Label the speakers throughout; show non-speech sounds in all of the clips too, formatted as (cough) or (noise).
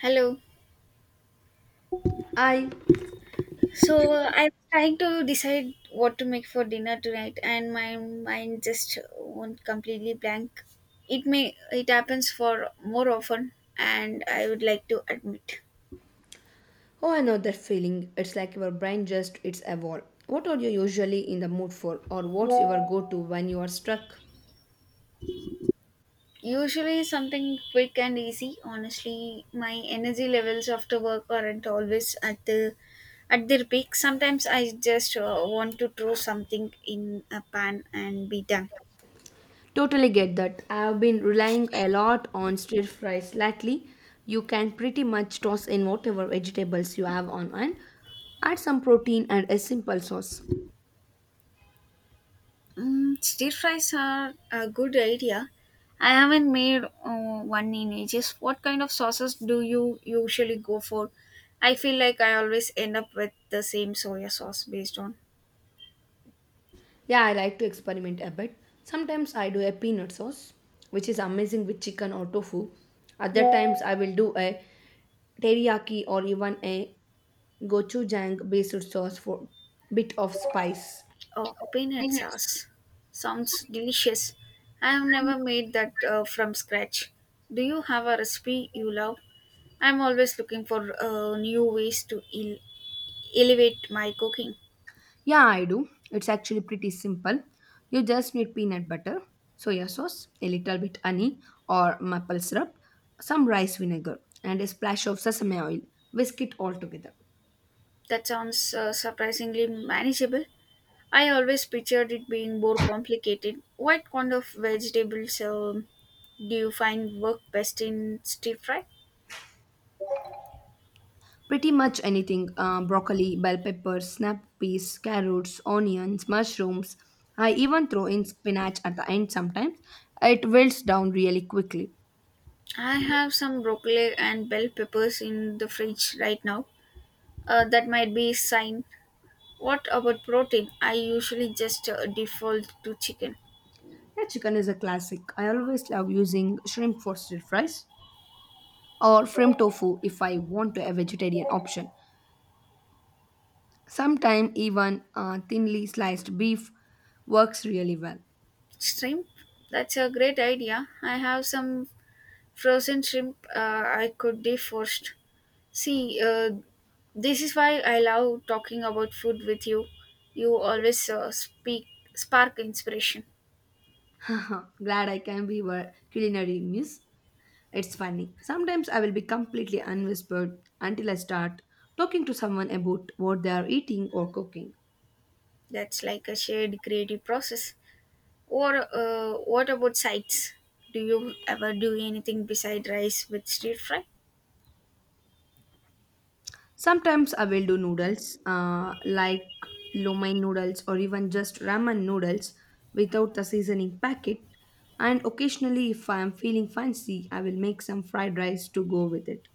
Speaker 1: Hello.
Speaker 2: I
Speaker 1: So I'm trying to decide what to make for dinner tonight, and my mind just won't completely blank. It may it happens for more often, and I would like to admit.
Speaker 2: Oh, I know that feeling. It's like your brain just it's evolved. What are you usually in the mood for, or what's your go-to when you are struck?
Speaker 1: Usually something quick and easy. Honestly, my energy levels after work aren't always at their peak. Sometimes I just want to throw something in a pan and be done.
Speaker 2: Totally get that. I have been relying a lot on stir fries lately. You can pretty much toss in whatever vegetables you have on, and add some protein and a simple sauce.
Speaker 1: Mm, stir fries are a good idea. I haven't made one in ages. What kind of sauces do you usually go for? I feel like I always end up with the same soya sauce based on
Speaker 2: Yeah, I like to experiment a bit. Sometimes I do a peanut sauce, which is amazing with chicken or tofu. Other times I will do a teriyaki or even a gochujang based sauce for bit of spice.
Speaker 1: oh peanut sauce. Sounds delicious. I have never made that from scratch. Do you have a recipe you love? I'm always looking for new ways to elevate my cooking.
Speaker 2: Yeah, I do. It's actually pretty simple. You just need peanut butter, soya sauce, a little bit honey or maple syrup, some rice vinegar, and a splash of sesame oil. Whisk it all together.
Speaker 1: That sounds surprisingly manageable. I always pictured it being more complicated. What kind of vegetables do you find work best in stir fry?
Speaker 2: Pretty much anything, broccoli, bell peppers, snap peas, carrots, onions, mushrooms. I even throw in spinach at the end sometimes. It wilts down really quickly.
Speaker 1: I have some broccoli and bell peppers in the fridge right now. That might be a sign. What about protein? I usually just default to chicken.
Speaker 2: Yeah, chicken is a classic. I always love using shrimp for stir fries, or shrimp tofu if I want a vegetarian option. Sometimes even thinly sliced beef works really well.
Speaker 1: Shrimp? That's a great idea. I have some frozen shrimp I could defrost. See, this is why I love talking about food with you. You always speak spark inspiration.
Speaker 2: (laughs) Glad I can be your culinary muse. It's funny. Sometimes I will be completely unwhispered until I start talking to someone about what they are eating or cooking.
Speaker 1: That's like a shared creative process. Or what about sides? Do you ever do anything beside rice with stir fry?
Speaker 2: Sometimes I will do noodles, like lo mein noodles or even just ramen noodles without the seasoning packet. And occasionally, if I am feeling fancy, I will make some fried rice to go with it.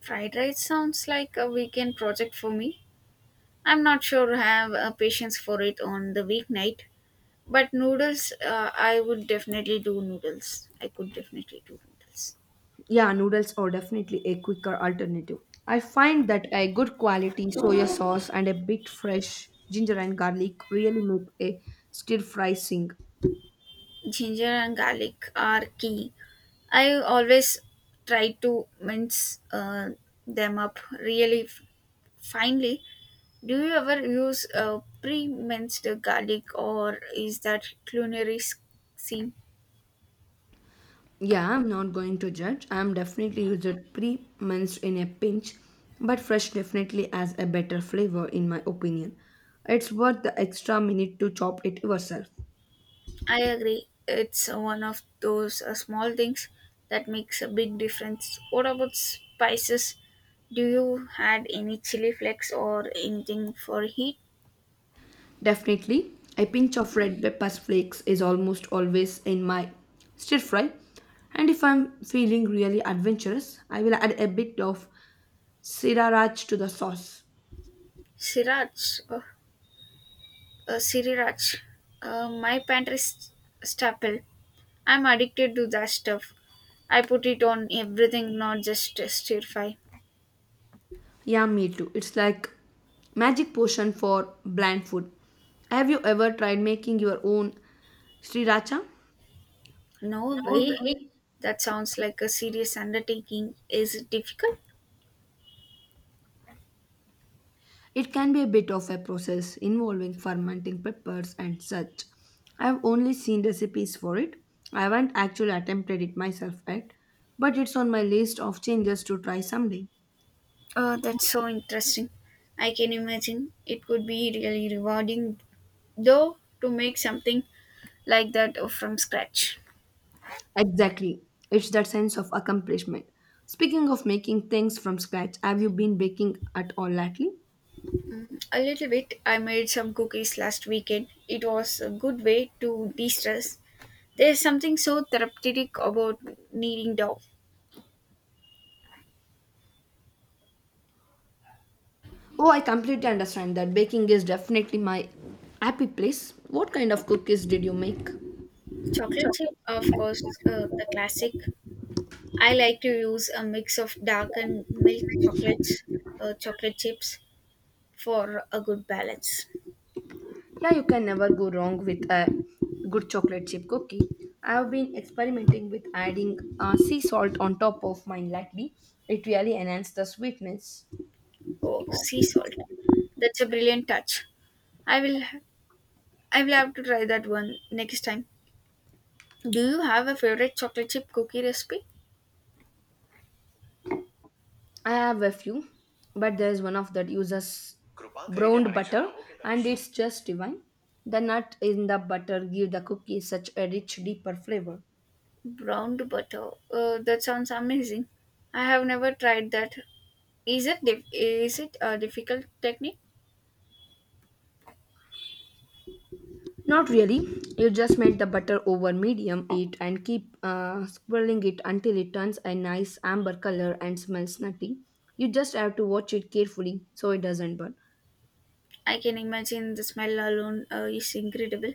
Speaker 1: Fried rice sounds like a weekend project for me. I'm not sure I have patience for it on the weeknight. But noodles, I would definitely do noodles. I could definitely do noodles.
Speaker 2: Yeah, noodles are definitely a quicker alternative. I find that a good quality soya sauce and a bit fresh ginger and garlic really make a stir fry sing.
Speaker 1: Ginger and garlic are key. I always try to mince them up really finely. Do you ever use pre minced garlic or is that culinary scene?
Speaker 2: Yeah, I'm not going to judge. I'm definitely used it pre-minced in a pinch, but fresh definitely has a better flavor in my opinion. It's worth the extra minute to chop it yourself.
Speaker 1: I agree. It's one of those small things that makes a big difference. What about spices? Do you add any chili flakes or anything for heat?
Speaker 2: Definitely, a pinch of red pepper flakes is almost always in my stir fry. And if I'm feeling really adventurous, I will add a bit of sriracha to the sauce.
Speaker 1: Sriracha Siri Raj, my pantry is staple. I'm addicted to that stuff. I put it on everything, not just stir fry.
Speaker 2: Yeah, me too. It's like magic potion for bland food. Have you ever tried making your own sriracha?
Speaker 1: No
Speaker 2: No,
Speaker 1: way.
Speaker 2: really?
Speaker 1: That sounds like a serious undertaking. Is it difficult?
Speaker 2: It can be a bit of a process involving fermenting peppers and such. I've only seen recipes for it. I haven't actually attempted it myself yet, but it's on my list of changes to try someday.
Speaker 1: Oh, that's so interesting. I can imagine it could be really rewarding, though, to make something like that from scratch.
Speaker 2: Exactly. It's that sense of accomplishment. Speaking of making things from scratch, have you been baking at all lately?
Speaker 1: Mm, a little bit. I made some cookies last weekend. It was a good way to de stress. There's something so therapeutic about kneading dough.
Speaker 2: Oh, I completely understand that baking is definitely my happy place. What kind of cookies did you make?
Speaker 1: Chocolate chip, of course, the classic. I like to use a mix of dark and milk chocolates, chocolate chips for a good balance.
Speaker 2: Yeah, you can never go wrong with a good chocolate chip cookie. I have been experimenting with adding sea salt on top of mine lately. It really enhances the sweetness.
Speaker 1: Oh, sea salt. That's a brilliant touch. I will I will have to try that one next time. Do you have a favorite chocolate chip cookie recipe?
Speaker 2: I have a few, but there is one of that uses browned butter, and it's just divine. The nut in the butter give the cookie such a rich, deeper flavor.
Speaker 1: Browned butter. That sounds amazing. I have never tried that. Is it a difficult technique?
Speaker 2: Not really. You just melt the butter over medium heat and keep swirling it until it turns a nice amber color and smells nutty. You just have to watch it carefully so it doesn't burn.
Speaker 1: I can imagine the smell alone is incredible.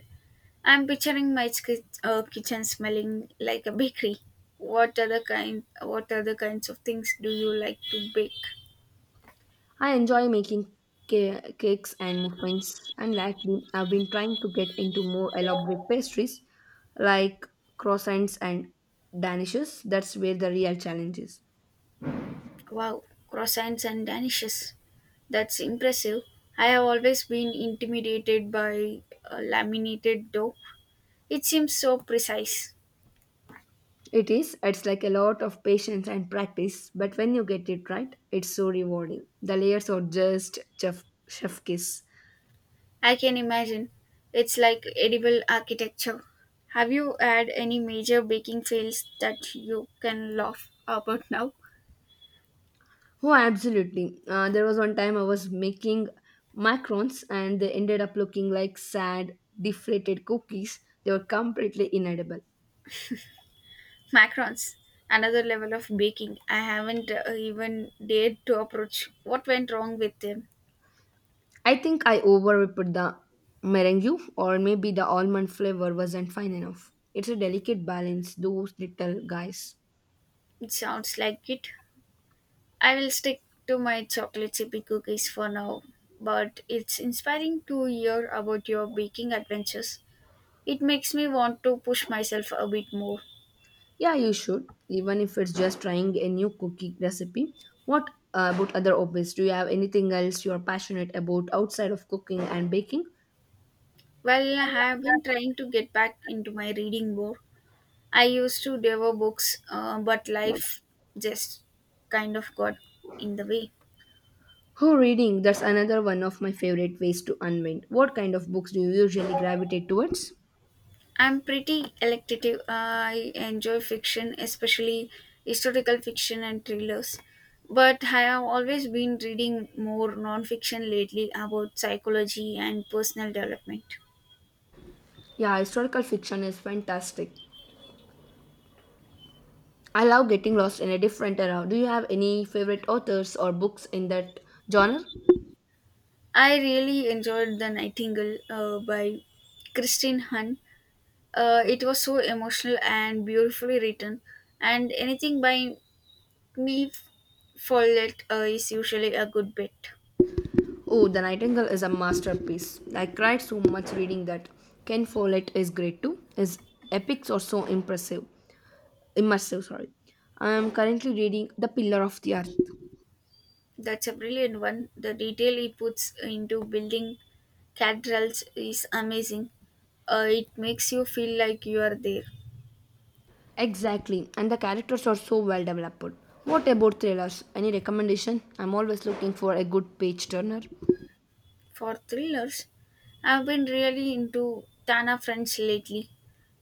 Speaker 1: I'm picturing my kitchen smelling like a bakery. What other kinds of things do you like to bake?
Speaker 2: I enjoy making cakes and muffins, and lately I've been trying to get into more elaborate pastries like croissants and danishes. That's where the real challenge is.
Speaker 1: Wow, croissants and danishes. That's impressive. I have always been intimidated by laminated dough. It seems so precise.
Speaker 2: It is. It's like a lot of patience and practice, but when you get it right, it's so rewarding. The layers are just chef kiss.
Speaker 1: I can imagine. It's like edible architecture. Have you had any major baking fails that you can laugh about now?
Speaker 2: Oh, absolutely. There was one time I was making macarons and they ended up looking like sad, deflated cookies. They were completely inedible.
Speaker 1: Macarons, another level of baking I haven't even dared to approach. What went wrong with them?
Speaker 2: I think I overput the meringue, or maybe the almond flavor wasn't fine enough. It's a delicate balance, those little guys.
Speaker 1: It sounds like it. I will stick to my chocolate chip cookies for now, but it's inspiring to hear about your baking adventures. It makes me want to push myself a bit more.
Speaker 2: Yeah, you should, even if it's just trying a new cookie recipe. What about other hobbies? Do you have anything else you're passionate about outside of cooking and baking?
Speaker 1: Well, I have been trying to get back into my reading more. I used to devour books, but life just kind of got in the way.
Speaker 2: Oh, reading, that's another one of my favorite ways to unwind. What kind of books do you usually gravitate towards?
Speaker 1: I'm pretty electative. I enjoy fiction, especially historical fiction and thrillers. But I have always been reading more non-fiction lately about psychology and personal development.
Speaker 2: Yeah, historical fiction is fantastic. I love getting lost in a different era. Do you have any favorite authors or books in that genre?
Speaker 1: I really enjoyed The Nightingale by Christine Hahn. It was so emotional and beautifully written, and anything by me Follett is usually a good bet.
Speaker 2: Oh, The Nightingale is a masterpiece. I cried so much reading that. Ken Follett is great too. His epics are so impressive. Immersive, sorry. I am currently reading The Pillar of the Earth.
Speaker 1: That's a brilliant one. The detail he puts into building cathedrals is amazing. It makes you feel like you are there.
Speaker 2: Exactly, and the characters are so well developed. What about thrillers? Any recommendation? I'm always looking for a good page turner.
Speaker 1: For thrillers, I've been really into Tana French lately.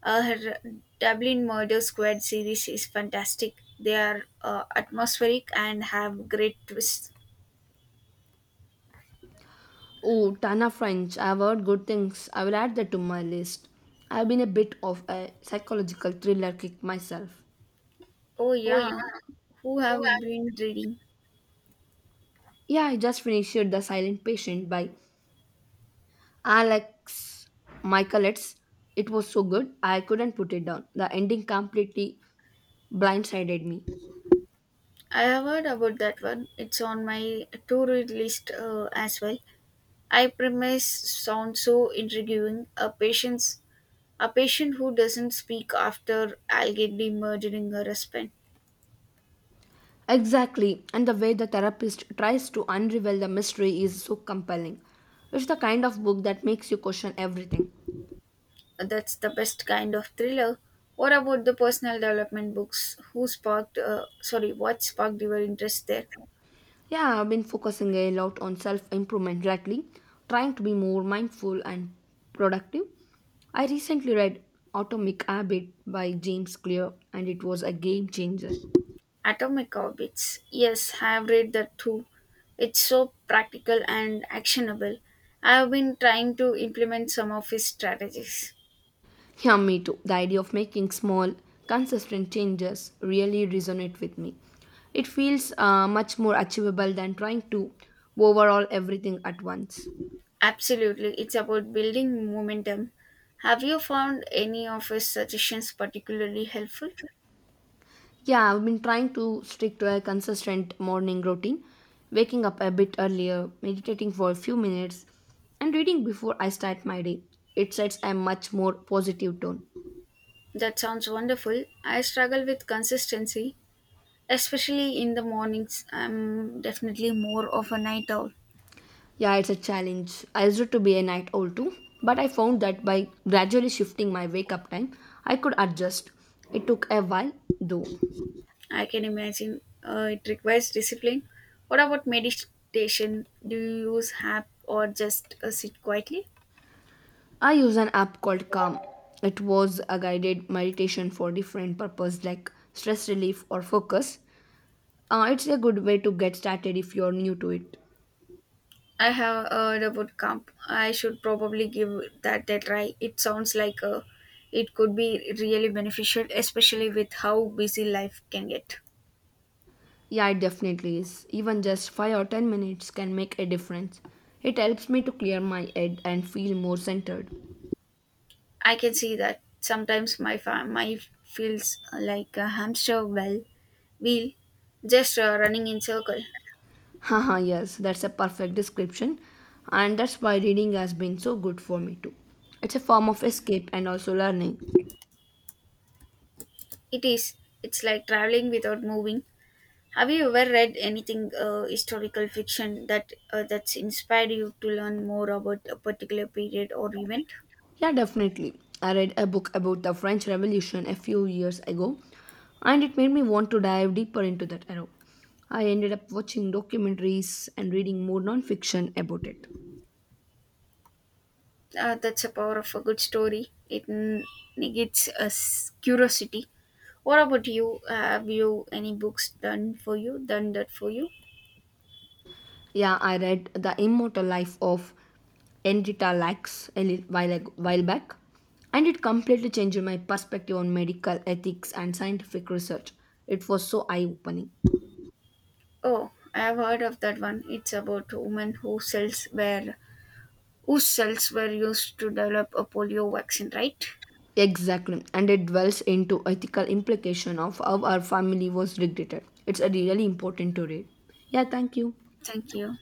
Speaker 1: Her Dublin Murder Squad series is fantastic. They are atmospheric and have great twists.
Speaker 2: Oh, Tana French. I've heard good things. I will add that to my list. I've been a bit of a psychological thriller kick myself.
Speaker 1: Oh yeah, who have been reading?
Speaker 2: Yeah, I just finished The Silent Patient by Alex Michaelis, it was so good, I couldn't put it down. The ending completely blindsided me.
Speaker 1: I have heard about that one. It's on my to-read list as well. I premise sounds so intriguing. A patient's a patient who doesn't speak after allegedly murdering her husband.
Speaker 2: Exactly, and the way the therapist tries to unravel the mystery is so compelling. It's the kind of book that makes you question everything.
Speaker 1: That's the best kind of thriller. What about the personal development books? What sparked your interest there?
Speaker 2: Yeah, I've been focusing a lot on self improvement lately, trying to be more mindful and productive. I recently read Atomic Habit by James Clear, and it was a game changer.
Speaker 1: Atomic Orbits. Yes, I have read that too. It's so practical and actionable. I have been trying to implement some of his strategies.
Speaker 2: Yeah, me too. The idea of making small, consistent changes really resonate with me. It feels much more achievable than trying to overhaul everything at once.
Speaker 1: Absolutely, it's about building momentum. Have you found any of his suggestions particularly helpful?
Speaker 2: Yeah, I've been trying to stick to a consistent morning routine, waking up a bit earlier, meditating for a few minutes, and reading before I start my day. It sets a much more positive tone.
Speaker 1: That sounds wonderful. I struggle with consistency, especially in the mornings. I'm definitely more of a night owl.
Speaker 2: Yeah, it's a challenge. I used to be a night owl too, but I found that by gradually shifting my wake up time, I could adjust. It took a while though.
Speaker 1: I can imagine it requires discipline. What about meditation? Do you use app or just sit quietly?
Speaker 2: I use an app called Calm. It was a guided meditation for different purpose like stress relief or focus. It's a good way to get started if you're new to it.
Speaker 1: I have heard about camp. I should probably give that a try. It sounds like it could be really beneficial, especially with how busy life can get.
Speaker 2: Yeah, it definitely is. Even just 5 or 10 minutes can make a difference. It helps me to clear my head and feel more centered.
Speaker 1: I can see that sometimes my feels like a hamster wheel just running in circle.
Speaker 2: Haha, yes, that's a perfect description, and that's why reading has been so good for me too. It's a form of escape and also learning.
Speaker 1: It is. It's like traveling without moving. Have you ever read anything historical fiction that's inspired you to learn more about a particular period or event?
Speaker 2: Yeah, definitely. I read a book about the French Revolution a few years ago, and it made me want to dive deeper into that era. I ended up watching documentaries and reading more non fiction about it.
Speaker 1: That's a power of a good story. Negates us curiosity. What about you? Have you any books done for you? Done that for you?
Speaker 2: Yeah, I read The Immortal Life of Enrita Lacks while, while back, and it completely changed my perspective on medical ethics and scientific research. It was so eye-opening.
Speaker 1: Oh, I have heard of that one. It's about a woman whose cells were used to develop a polio vaccine, right?
Speaker 2: Exactly, and it dwells into ethical implication of how our family was dictated. It's a really important to read. Yeah, thank you.
Speaker 1: Thank you.